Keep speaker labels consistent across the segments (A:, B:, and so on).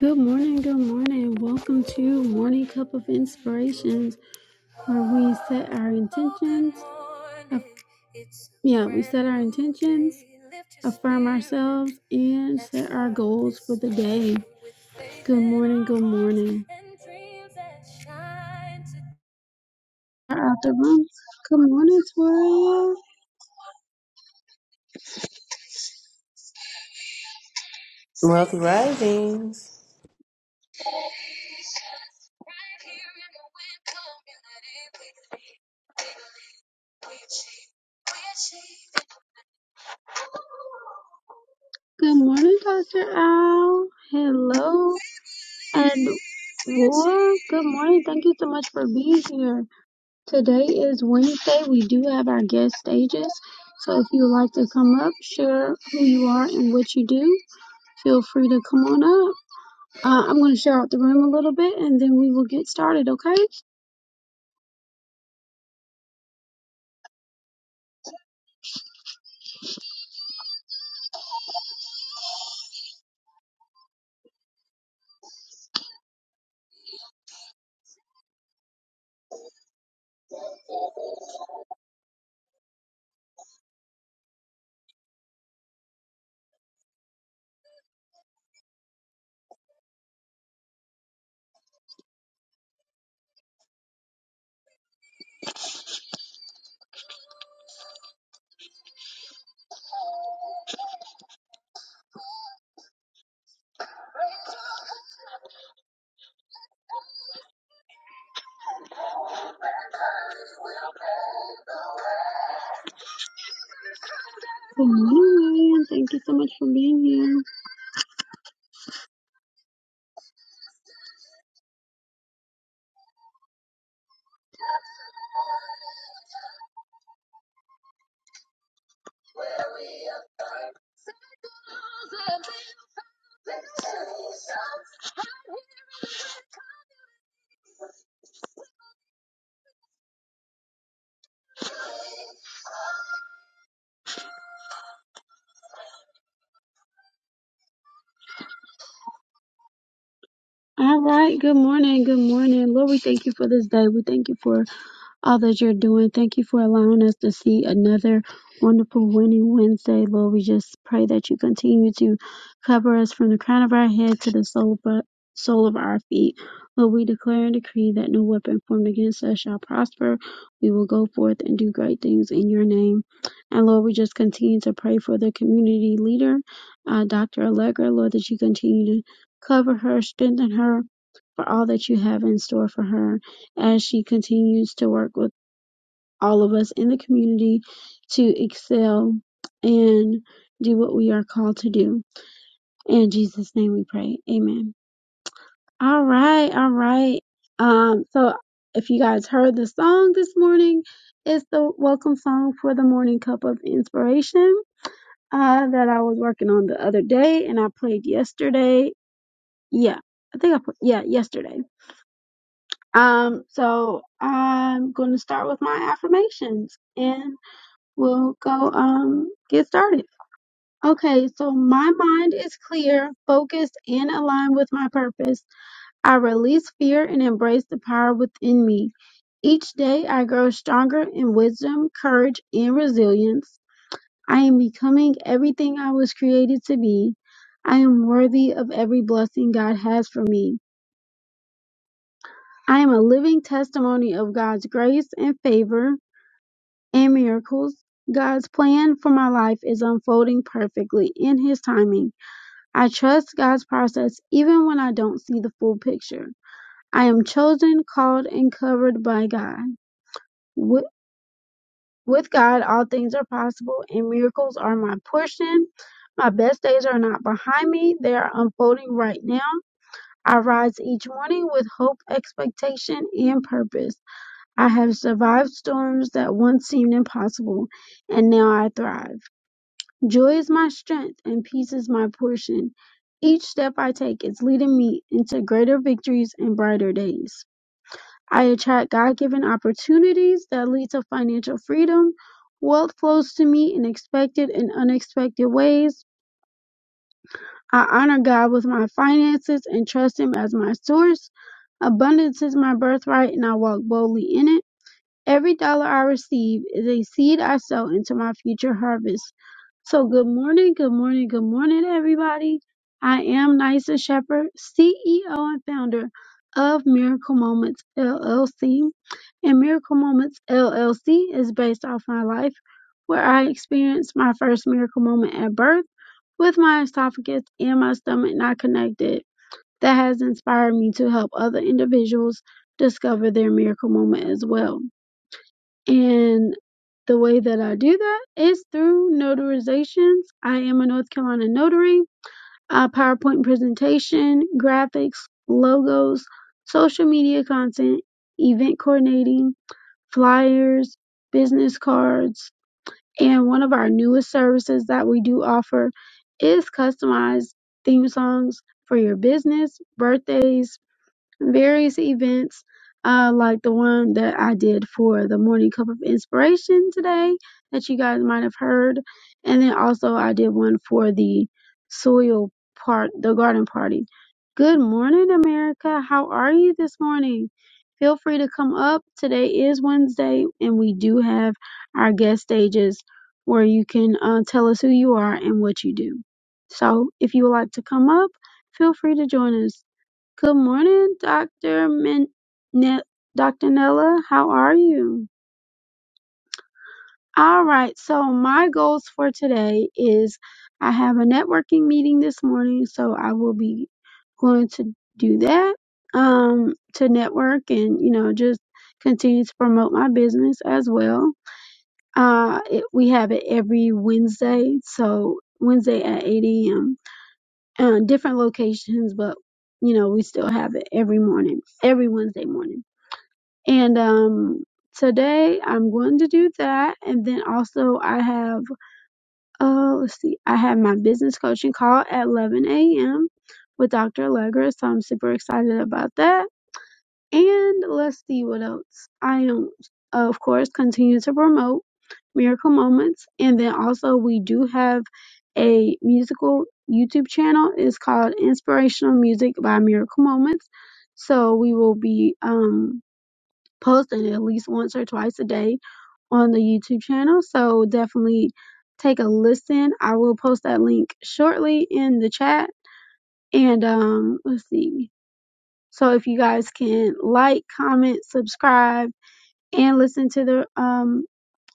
A: Good morning, good morning. Welcome to Morning Cup of Inspirations, where we set our intentions. aff- Yeah, we set our intentions, affirm ourselves, and set our goals for the day. Good morning, good morning. Out the room. Good morning, Toria.
B: Wealthy Risings.
A: Good morning, Dr. Al. Hello, and Roar. Good morning. Thank you so much for being here. Today is Wednesday. We do have our guest stages. So if you would like to come up, share who you are and what you do, feel free to come on up. Uh, I'm going to share out the room a little bit and then we will get started, okay? Good morning, Lillian. Thank you so much for being here. All right. Good morning. Good morning. Lord, we thank you for this day. We thank you for all that you're doing. Thank you for allowing us to see another wonderful winning Wednesday, Lord. We just pray that you continue to cover us from the crown of our head to the sole of our, sole of our feet. Lord, we declare and decree that no weapon formed against us shall prosper. We will go forth and do great things in your name. And Lord, we just continue to pray for the community leader, uh, Dr. Allegra, Lord, that you continue to cover her, strengthen her for all that you have in store for her as she continues to work with all of us in the community to excel and do what we are called to do. In Jesus' name we pray. Amen. All right, all right. Um, so if you guys heard the song this morning, it's the welcome song for the morning cup of inspiration uh that I was working on the other day and I played yesterday. Yeah, I think I put yeah, yesterday. Um, so I'm going to start with my affirmations. and. we'll go um get started. Okay, so my mind is clear, focused, and aligned with my purpose. I release fear and embrace the power within me. Each day I grow stronger in wisdom, courage, and resilience. I am becoming everything I was created to be. I am worthy of every blessing God has for me. I am a living testimony of God's grace and favor. and miracles. God's plan for my life is unfolding perfectly in His timing. I trust God's process even when I don't see the full picture. I am chosen, called, and covered by God. With, with God, all things are possible, and miracles are my portion. My best days are not behind me, they are unfolding right now. I rise each morning with hope, expectation, and purpose. I have survived storms that once seemed impossible, and now I thrive. Joy is my strength and peace is my portion. Each step I take is leading me into greater victories and brighter days. I attract God given opportunities that lead to financial freedom. Wealth flows to me in expected and unexpected ways. I honor God with my finances and trust Him as my source. Abundance is my birthright and I walk boldly in it. Every dollar I receive is a seed I sow into my future harvest. So, good morning, good morning, good morning, everybody. I am Nysa Shepherd, CEO and founder of Miracle Moments LLC. And Miracle Moments LLC is based off my life, where I experienced my first miracle moment at birth with my esophagus and my stomach not connected. That has inspired me to help other individuals discover their miracle moment as well. And the way that I do that is through notarizations. I am a North Carolina notary, uh, PowerPoint presentation, graphics, logos, social media content, event coordinating, flyers, business cards. And one of our newest services that we do offer is customized theme songs for your business, birthdays, various events, uh, like the one that I did for the Morning Cup of Inspiration today that you guys might have heard. And then also I did one for the soil part, the garden party. Good morning, America. How are you this morning? Feel free to come up. Today is Wednesday, and we do have our guest stages where you can uh, tell us who you are and what you do. So if you would like to come up, feel free to join us. Good morning, Dr. Min- Ne- Dr. Nella. How are you? All right. So my goals for today is I have a networking meeting this morning, so I will be going to do that um to network and you know just continue to promote my business as well. Uh, it, we have it every Wednesday, so Wednesday at 8 a.m. Uh, different locations, but you know we still have it every morning, every Wednesday morning. And um today I'm going to do that. And then also I have uh let's see, I have my business coaching call at eleven AM with Dr. Allegra. So I'm super excited about that. And let's see what else. I am of course continue to promote Miracle Moments. And then also we do have a musical YouTube channel. It's called Inspirational Music by Miracle Moments. So we will be um posting at least once or twice a day on the YouTube channel. So definitely take a listen. I will post that link shortly in the chat. And um, let's see. So if you guys can like, comment, subscribe, and listen to the um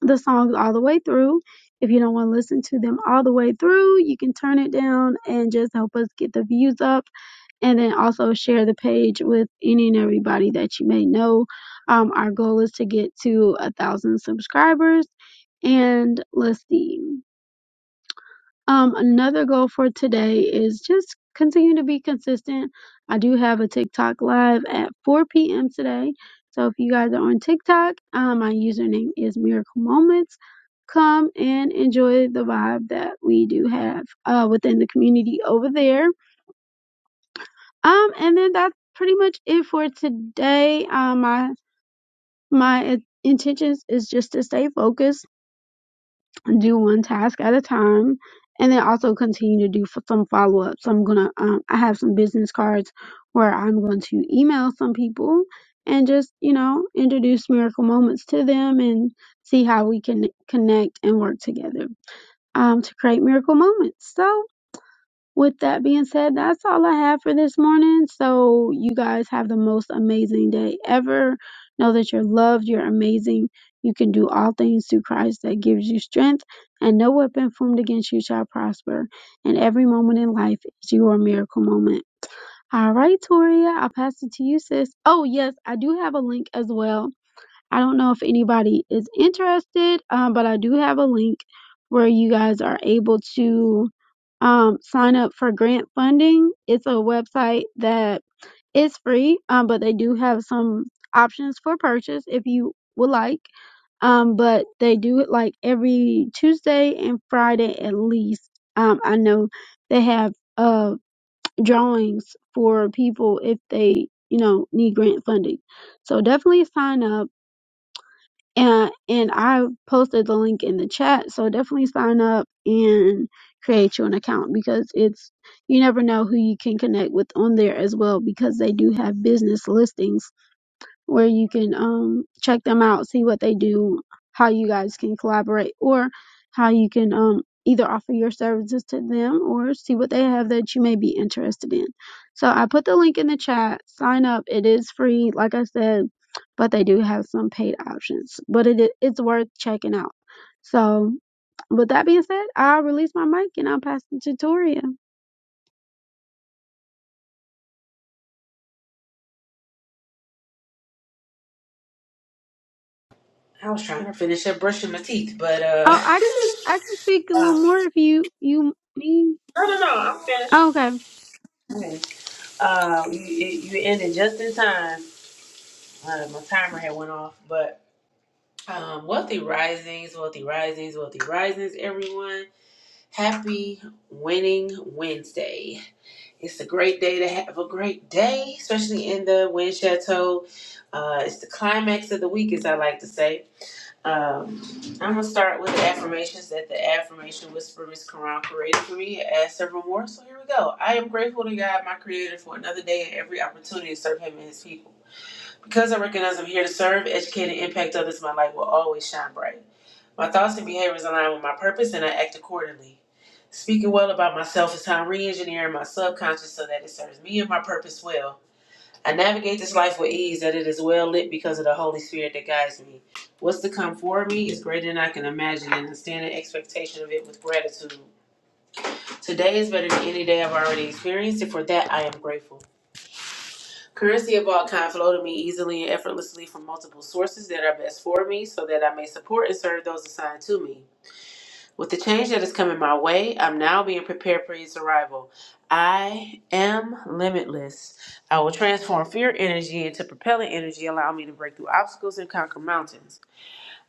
A: the songs all the way through. If you don't want to listen to them all the way through, you can turn it down and just help us get the views up and then also share the page with any and everybody that you may know. Um, our goal is to get to a thousand subscribers and let's see. Um, another goal for today is just continue to be consistent. I do have a TikTok live at 4 p.m. today. So if you guys are on TikTok, um, my username is Miracle Moments. Come and enjoy the vibe that we do have uh, within the community over there um, and then that's pretty much it for today. Um, my my intentions is just to stay focused, do one task at a time, and then also continue to do f- some follow ups. I'm gonna um, I have some business cards where I'm going to email some people and just you know introduce miracle moments to them and see how we can connect and work together um, to create miracle moments. So with that being said, that's all I have for this morning. So, you guys have the most amazing day ever. Know that you're loved, you're amazing. You can do all things through Christ that gives you strength, and no weapon formed against you shall prosper. And every moment in life is your miracle moment. All right, Toria, I'll pass it to you, sis. Oh, yes, I do have a link as well I don't know if anybody is interested, um, but I do have a link where you guys are able to um, sign up for grant funding. It's a website that is free, um, but they do have some options for purchase if you would like. Um, but they do it like every Tuesday and Friday at least. Um, I know they have uh drawings for people if they you know need grant funding. So definitely sign up and and I posted the link in the chat. So definitely sign up and create you an account because it's you never know who you can connect with on there as well because they do have business listings where you can um check them out, see what they do, how you guys can collaborate, or how you can um either offer your services to them or see what they have that you may be interested in. So I put the link in the chat. Sign up. It is free, like I said, but they do have some paid options. But it i- it's worth checking out. So with that being said, I'll release my mic and I'll pass the tutorial.
B: I was trying to finish up brushing my teeth, but uh,
A: Oh, I can I can speak a
B: uh
A: little more if you you mean.
B: no, no, no, I'm finished.
A: Okay,
B: Okay. Um, you, you ended just in time. Uh, my timer had went off, but um, wealthy risings, wealthy risings, wealthy risings. Everyone, happy winning Wednesday. It's a great day to have a great day, especially in the wind chateau. Uh, it's the climax of the week, as I like to say. Um, I'm gonna start with the affirmations that the affirmation Whisperer Miss Quran created for me. I Add several more, so here we go. I am grateful to God, my Creator, for another day and every opportunity to serve Him and His people. Because I recognize I'm here to serve, educate, and impact others, my light will always shine bright. My thoughts and behaviors align with my purpose, and I act accordingly. Speaking well about myself is how I'm re-engineering my subconscious so that it serves me and my purpose well. I navigate this life with ease, that it is well lit because of the Holy Spirit that guides me. What's to come for me is greater than I can imagine, and I stand in expectation of it with gratitude. Today is better than any day I've already experienced, and for that I am grateful. Currency of all kind flow to me easily and effortlessly from multiple sources that are best for me, so that I may support and serve those assigned to me. With the change that is coming my way, I'm now being prepared for his arrival. I am limitless. I will transform fear energy into propelling energy, allow me to break through obstacles and conquer mountains.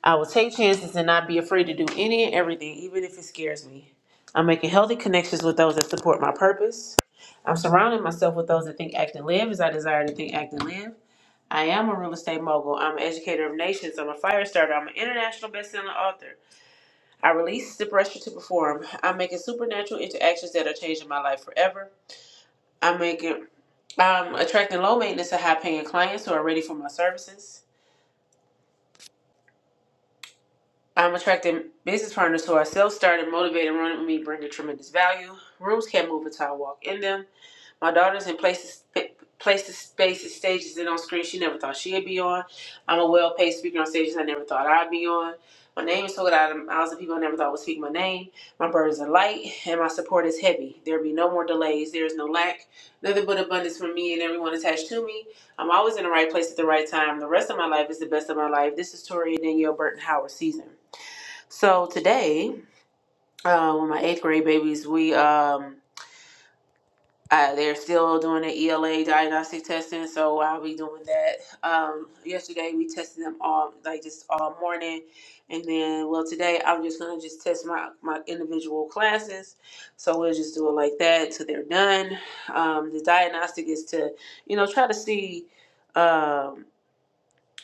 B: I will take chances and not be afraid to do any and everything, even if it scares me. I'm making healthy connections with those that support my purpose. I'm surrounding myself with those that think, act, and live as I desire to think, act, and live. I am a real estate mogul. I'm an educator of nations. I'm a fire starter. I'm an international best-selling author. I release the pressure to perform. I'm making supernatural interactions that are changing my life forever. I'm making I'm attracting low maintenance and high paying clients who are ready for my services. I'm attracting business partners who are self started, motivated, running with me, bringing tremendous value. Rooms can't move until I walk in them. My daughter's in places, places, spaces, stages, and on screen she never thought she'd be on. I'm a well-paid speaker on stages I never thought I'd be on. My name is told out of mouths of people I never thought would speak my name. My burdens are light, and my support is heavy. There be no more delays. There is no lack, nothing but abundance for me and everyone attached to me. I'm always in the right place at the right time. The rest of my life is the best of my life. This is Tori and Danielle Burton Howard season. So today, uh, with my eighth grade babies, we um, uh, they're still doing the ELA diagnostic testing, so I'll be doing that. Um, yesterday we tested them all, like just all morning, and then well today I'm just gonna just test my my individual classes. So we'll just do it like that till they're done. Um, the diagnostic is to, you know, try to see, um,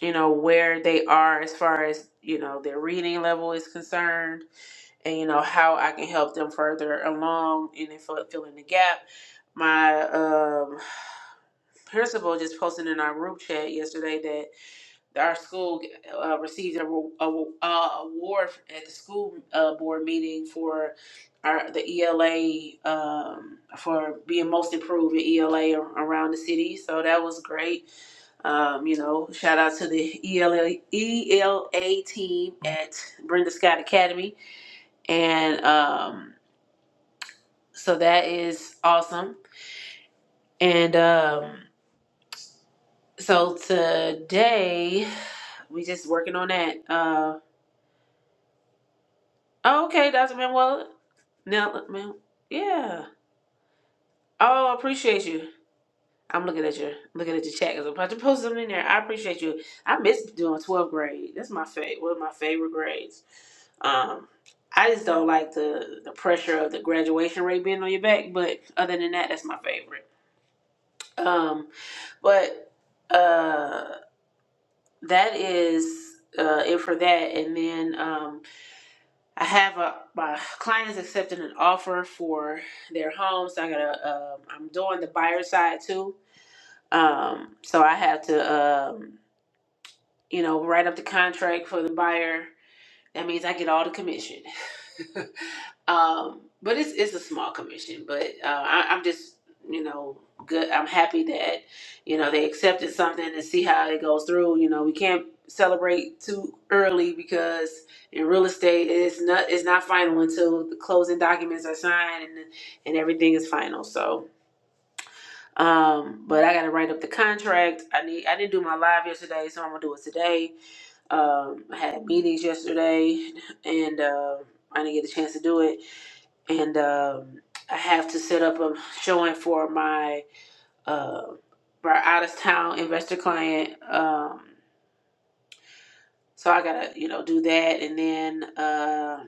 B: you know, where they are as far as you know their reading level is concerned and you know how I can help them further along and then fill, fill in the gap. My um, principal just posted in our group chat yesterday that our school uh, received a, ro- a, ro- uh, award at the school uh, board meeting for our the ELA um, for being most improved in ELA around the city. So that was great. Um, you know, shout out to the ELA ELA team at Brenda Scott Academy and. Um, So that is awesome. And um, so today we just working on that. Uh, oh, okay, Dr. Manuela. Now, man, yeah. Oh, I appreciate you. I'm looking at your looking at your chat because I'm about to post something in there. I appreciate you. I miss doing 12th grade. That's my favorite. One of my favorite grades. Um, I just don't like the the pressure of the graduation rate being on your back. But other than that, that's my favorite. Um, but uh. that is uh, it for that. And then um, I have a my client is accepting an offer for their home, so I gotta um, I'm doing the buyer side too. Um, so I have to um, you know write up the contract for the buyer. That means I get all the commission. Um, but it's it's a small commission. But uh, I, I'm just you know good. I'm happy that you know they accepted something and see how it goes through. You know we can't celebrate too early because in real estate it's not it's not final until the closing documents are signed and and everything is final. So. Um, but I gotta write up the contract. I need I didn't do my live yesterday, so I'm gonna do it today. Um I had meetings yesterday and uh I didn't get a chance to do it and um, I have to set up a showing for my uh, for our out of town investor client. Um, so I gotta you know do that, and then uh,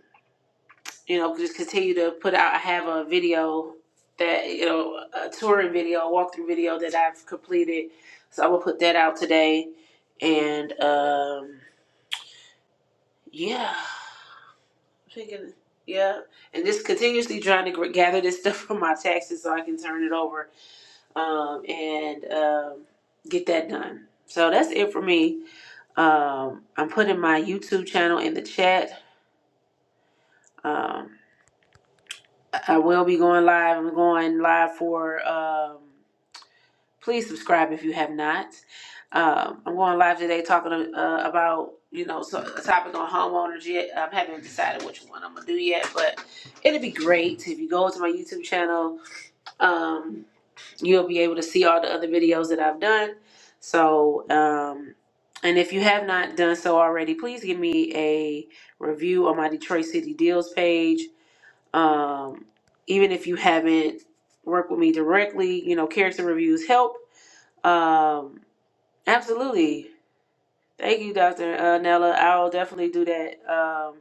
B: you know just continue to put out. I have a video that you know a touring video, a walkthrough video that I've completed. So I'm gonna put that out today, and um, yeah, I'm thinking yeah, and just continuously trying to gr- gather this stuff from my taxes so I can turn it over um, and um, get that done. So that's it for me. Um, I'm putting my YouTube channel in the chat. Um, I will be going live. I'm going live for. Um, please subscribe if you have not. Um, I'm going live today talking uh, about you know so, a topic on homeowners yet. I haven't decided which one I'm gonna do yet, but it'd be great if you go to my YouTube channel. Um, you'll be able to see all the other videos that I've done. So, um, and if you have not done so already, please give me a review on my Detroit City Deals page. Um, even if you haven't worked with me directly, you know, character reviews help. Um, absolutely. Thank you, Dr. Uh, Nella. I'll definitely do that. Um,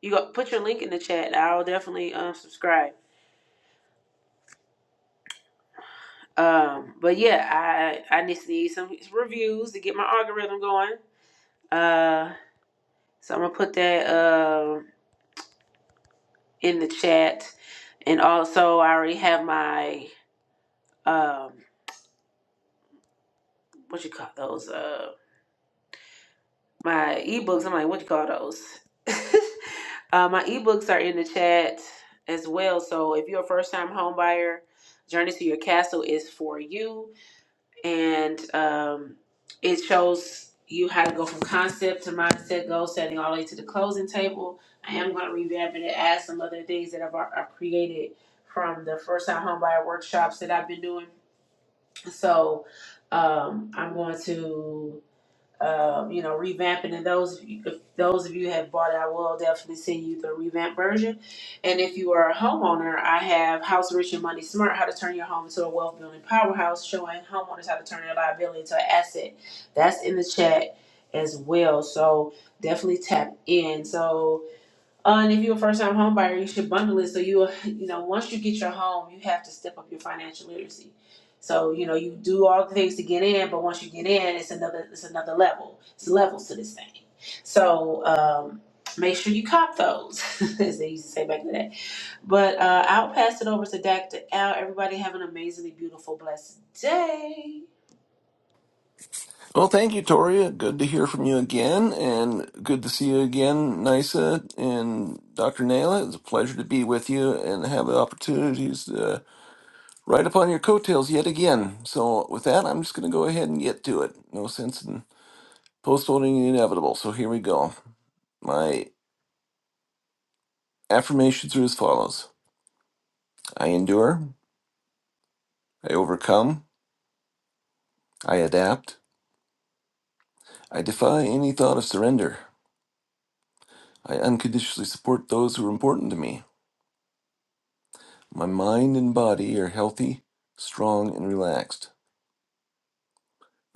B: you go, put your link in the chat. I'll definitely um, subscribe. Um, but yeah, I I just need some reviews to get my algorithm going. Uh, so I'm gonna put that uh, in the chat, and also I already have my um, what you call those? Uh, my ebooks. I'm like, what you call those? uh, my ebooks are in the chat as well. So if you're a first time home buyer, Journey to Your Castle is for you. and um, it shows you how to go from concept to mindset, goal setting, all the way to the closing table. I am going to revamp it and add some other things that I've, al- I've created from the first time homebuyer workshops that I've been doing. So um, I'm going to um, you know, revamping. And those of you, if those of you have bought it, I will definitely send you the revamp version. And if you are a homeowner, I have House Rich and Money Smart: How to Turn Your Home into a Wealth Building Powerhouse, showing homeowners how to turn their liability into an asset. That's in the chat as well. So definitely tap in. So uh, and if you're a first-time home buyer, you should bundle it so you, will- you know, once you get your home, you have to step up your financial literacy. So you know, you do all the things to get in, but once you get in, it's another, it's another level. It's levels to this thing. So um, make sure you cop those, as they used to say back in the day. But uh, I'll pass it over to Dr. Al. Everybody have an amazingly beautiful, blessed day.
C: Well, thank you, Toria. Good to hear from you again, and good to see you again, Nisa and Dr. Naila. It's a pleasure to be with you and have the opportunities to ride upon your coattails yet again. So, with that, I'm just going to go ahead and get to it. No sense in postponing the inevitable. So, here we go. My affirmations are as follows I endure, I overcome, I adapt, I defy any thought of surrender, I unconditionally support those who are important to me. My mind and body are healthy, strong, and relaxed.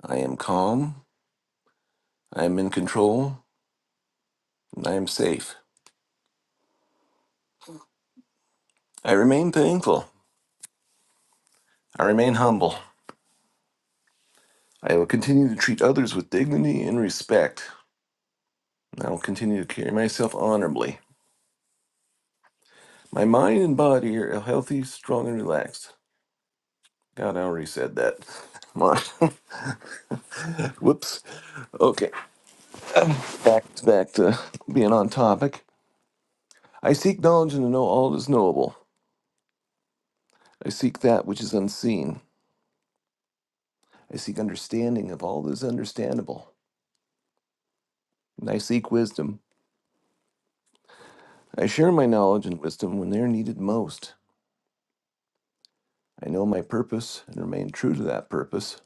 C: I am calm, I am in control, and I am safe. I remain thankful. I remain humble. I will continue to treat others with dignity and respect. and I will continue to carry myself honorably. My mind and body are healthy, strong, and relaxed. God, I already said that. Come on. Whoops. Okay. Back to back to being on topic. I seek knowledge and to know all that is knowable. I seek that which is unseen. I seek understanding of all that is understandable, and I seek wisdom. I share my knowledge and wisdom when they are needed most. I know my purpose and remain true to that purpose.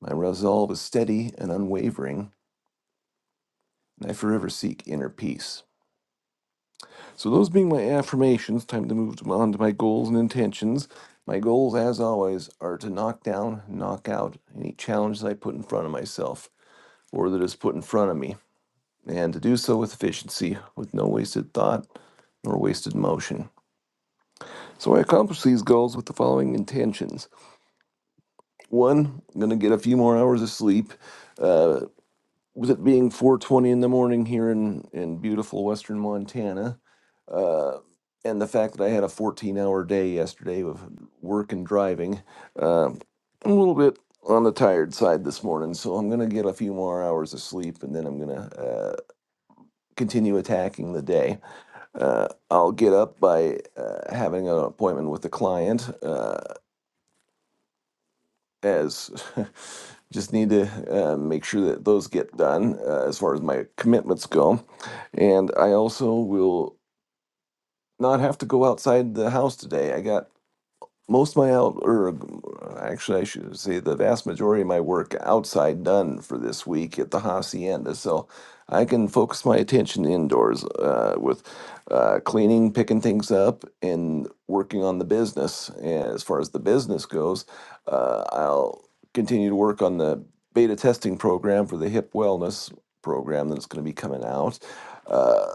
C: My resolve is steady and unwavering, and I forever seek inner peace. So, those being my affirmations, time to move on to my goals and intentions. My goals, as always, are to knock down, knock out any challenge that I put in front of myself or that is put in front of me. and to do so with efficiency, with no wasted thought nor wasted motion. So I accomplished these goals with the following intentions. One, I'm going to get a few more hours of sleep. Uh, with it being 4:20 in the morning here in in beautiful western Montana, uh, and the fact that I had a 14-hour day yesterday with work and driving, uh, I'm a little bit on the tired side this morning. So I'm going to get a few more hours of sleep, and then I'm going to uh, continue attacking the day. Uh, I'll get up by uh, having an appointment with the client, uh, as just need to uh, make sure that those get done uh, as far as my commitments go. And I also will not have to go outside the house today. I got most of my out or actually I should say the vast majority of my work outside done for this week at the hacienda, so I can focus my attention indoors uh, with uh, cleaning, picking things up, and working on the business. And as far as the business goes, uh, I'll continue to work on the beta testing program for the hip wellness program that's going to be coming out. Uh,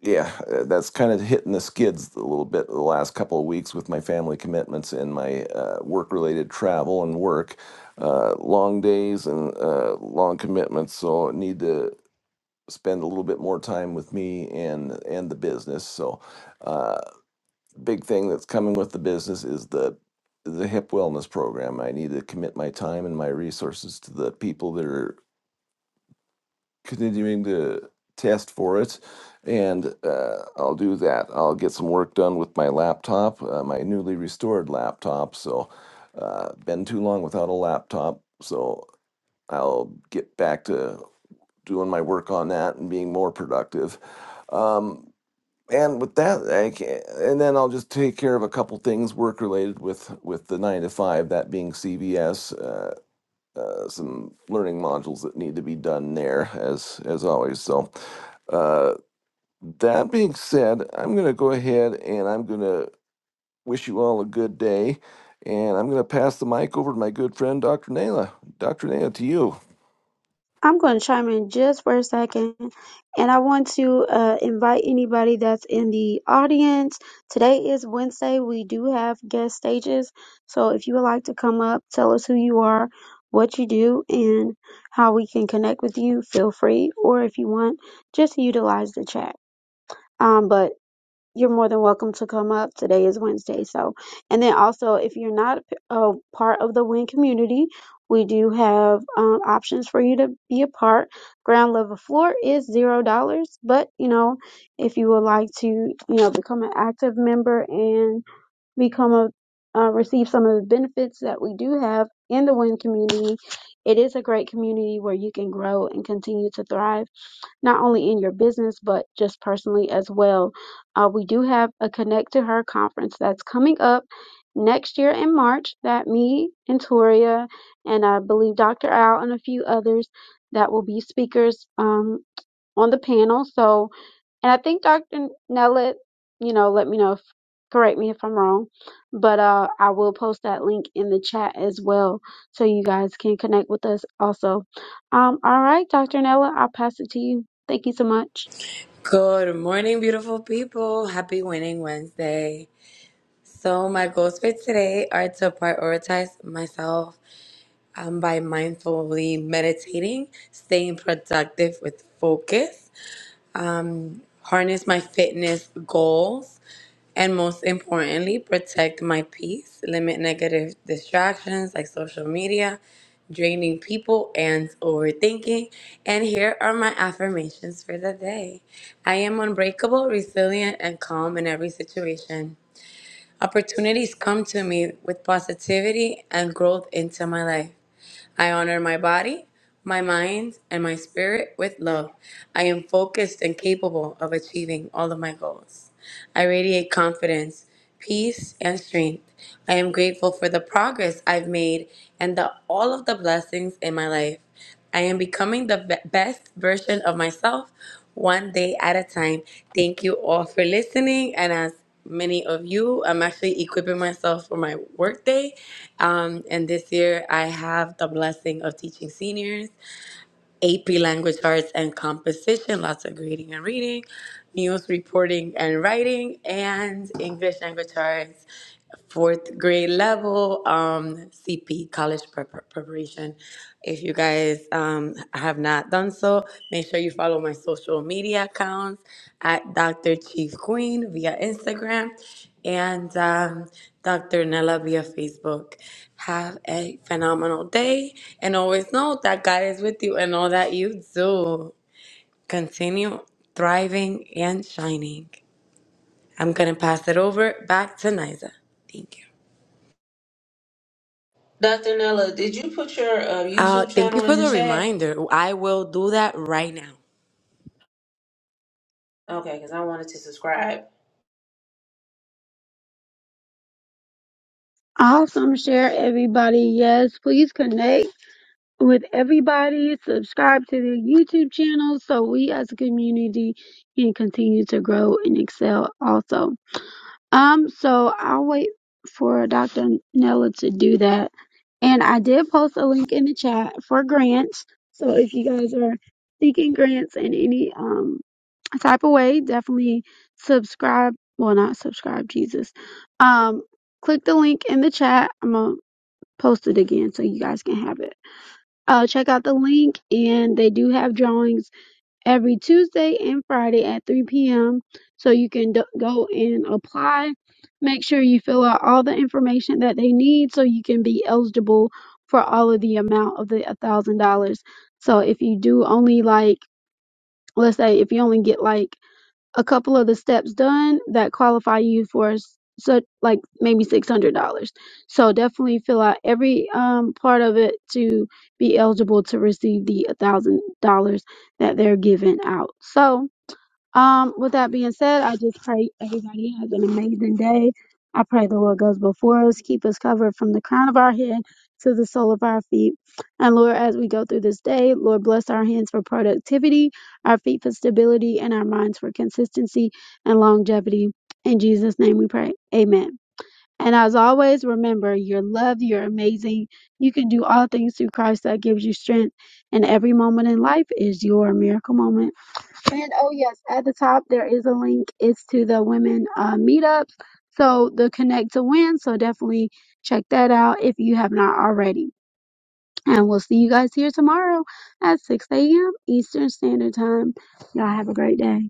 C: yeah, uh, that's kind of hitting the skids a little bit the last couple of weeks with my family commitments and my uh, work related travel and work. Uh, long days and uh, long commitments, so I need to spend a little bit more time with me and and the business. So, uh, big thing that's coming with the business is the the hip wellness program. I need to commit my time and my resources to the people that are continuing to test for it and uh, i'll do that i'll get some work done with my laptop uh, my newly restored laptop so uh, been too long without a laptop so i'll get back to doing my work on that and being more productive um, and with that I can, and then i'll just take care of a couple things work related with with the nine to five that being cvs uh, uh, some learning modules that need to be done there as as always so uh, that being said, I'm going to go ahead and I'm going to wish you all a good day. And I'm going to pass the mic over to my good friend, Dr. Naila. Dr. Naila, to you.
A: I'm going to chime in just for a second, and I want to uh, invite anybody that's in the audience. Today is Wednesday. We do have guest stages, so if you would like to come up, tell us who you are, what you do, and how we can connect with you, feel free. Or if you want, just utilize the chat. Um, but you're more than welcome to come up. Today is Wednesday, so and then also if you're not a part of the Win community, we do have um, options for you to be a part. Ground level floor is zero dollars, but you know if you would like to, you know, become an active member and become a uh, receive some of the benefits that we do have in the Win community. It is a great community where you can grow and continue to thrive not only in your business but just personally as well. Uh, we do have a Connect to Her conference that's coming up next year in March that me and Toria and I believe Dr. Al and a few others that will be speakers um, on the panel. So and I think Dr. Nellett, you know, let me know, if, correct me if I'm wrong, but uh, I will post that link in the chat as well so you guys can connect with us also. Um, all right, Dr. Nella, I'll pass it to you. Thank you so much.
D: Good morning, beautiful people. Happy Winning Wednesday. So, my goals for today are to prioritize myself um, by mindfully meditating, staying productive with focus, harness my fitness goals, and most importantly, protect my peace, limit negative distractions like social media, draining people, and overthinking. And here are my affirmations for the day I am unbreakable, resilient, and calm in every situation. Opportunities come to me with positivity and growth into my life. I honor my body, my mind, and my spirit with love. I am focused and capable of achieving all of my goals. I radiate confidence, peace, and strength. I am grateful for the progress I've made and the, all of the blessings in my life. I am becoming the be- best version of myself one day at a time. Thank you all for listening. And as many of you, I'm actually equipping myself for my workday. Um, and this year, I have the blessing of teaching seniors AP language arts and composition, lots of grading and reading, news reporting and writing, and English language arts fourth grade level um, CP, college prep- preparation. If you guys um, have not done so, make sure you follow my social media accounts at Dr. Chief Queen via Instagram and um, Dr. Nella via Facebook. Have a phenomenal day and always know that God is with you in all that you do. Continue thriving and shining. I'm going to pass it over back to Niza. Thank you.
B: Dr. Nella, did you put your uh,
D: Uh,
B: YouTube
D: thank you
B: channel in
D: for
B: the
D: the
B: chat?
D: reminder. I will do that right now.
B: Okay, because I wanted to subscribe.
A: Awesome. Share everybody. Yes, please connect with everybody. Subscribe to the YouTube channel so we as a community can continue to grow and excel also. Um, so I'll wait for Dr. Nella to do that. And I did post a link in the chat for grants. So if you guys are seeking grants in any um type of way, definitely subscribe. Well, not subscribe, Jesus. Um, click the link in the chat. I'm gonna post it again so you guys can have it. Uh, check out the link, and they do have drawings every Tuesday and Friday at 3 p.m. So you can d- go and apply. Make sure you fill out all the information that they need so you can be eligible for all of the amount of the $1,000. So if you do only like, let's say if you only get like a couple of the steps done that qualify you for s- such like maybe six hundred dollars. So definitely fill out every um part of it to be eligible to receive the a thousand dollars that they're giving out. So um, with that being said, I just pray everybody has an amazing day. I pray the Lord goes before us, keep us covered from the crown of our head to the sole of our feet. And Lord, as we go through this day, Lord, bless our hands for productivity, our feet for stability, and our minds for consistency and longevity. In Jesus' name we pray. Amen. And as always, remember you're loved, you're amazing. You can do all things through Christ that gives you strength. And every moment in life is your miracle moment. And oh yes, at the top there is a link. It's to the women uh, meetups. So the Connect to Win. So definitely check that out if you have not already. And we'll see you guys here tomorrow at 6 a.m. Eastern Standard Time. Y'all have a great day.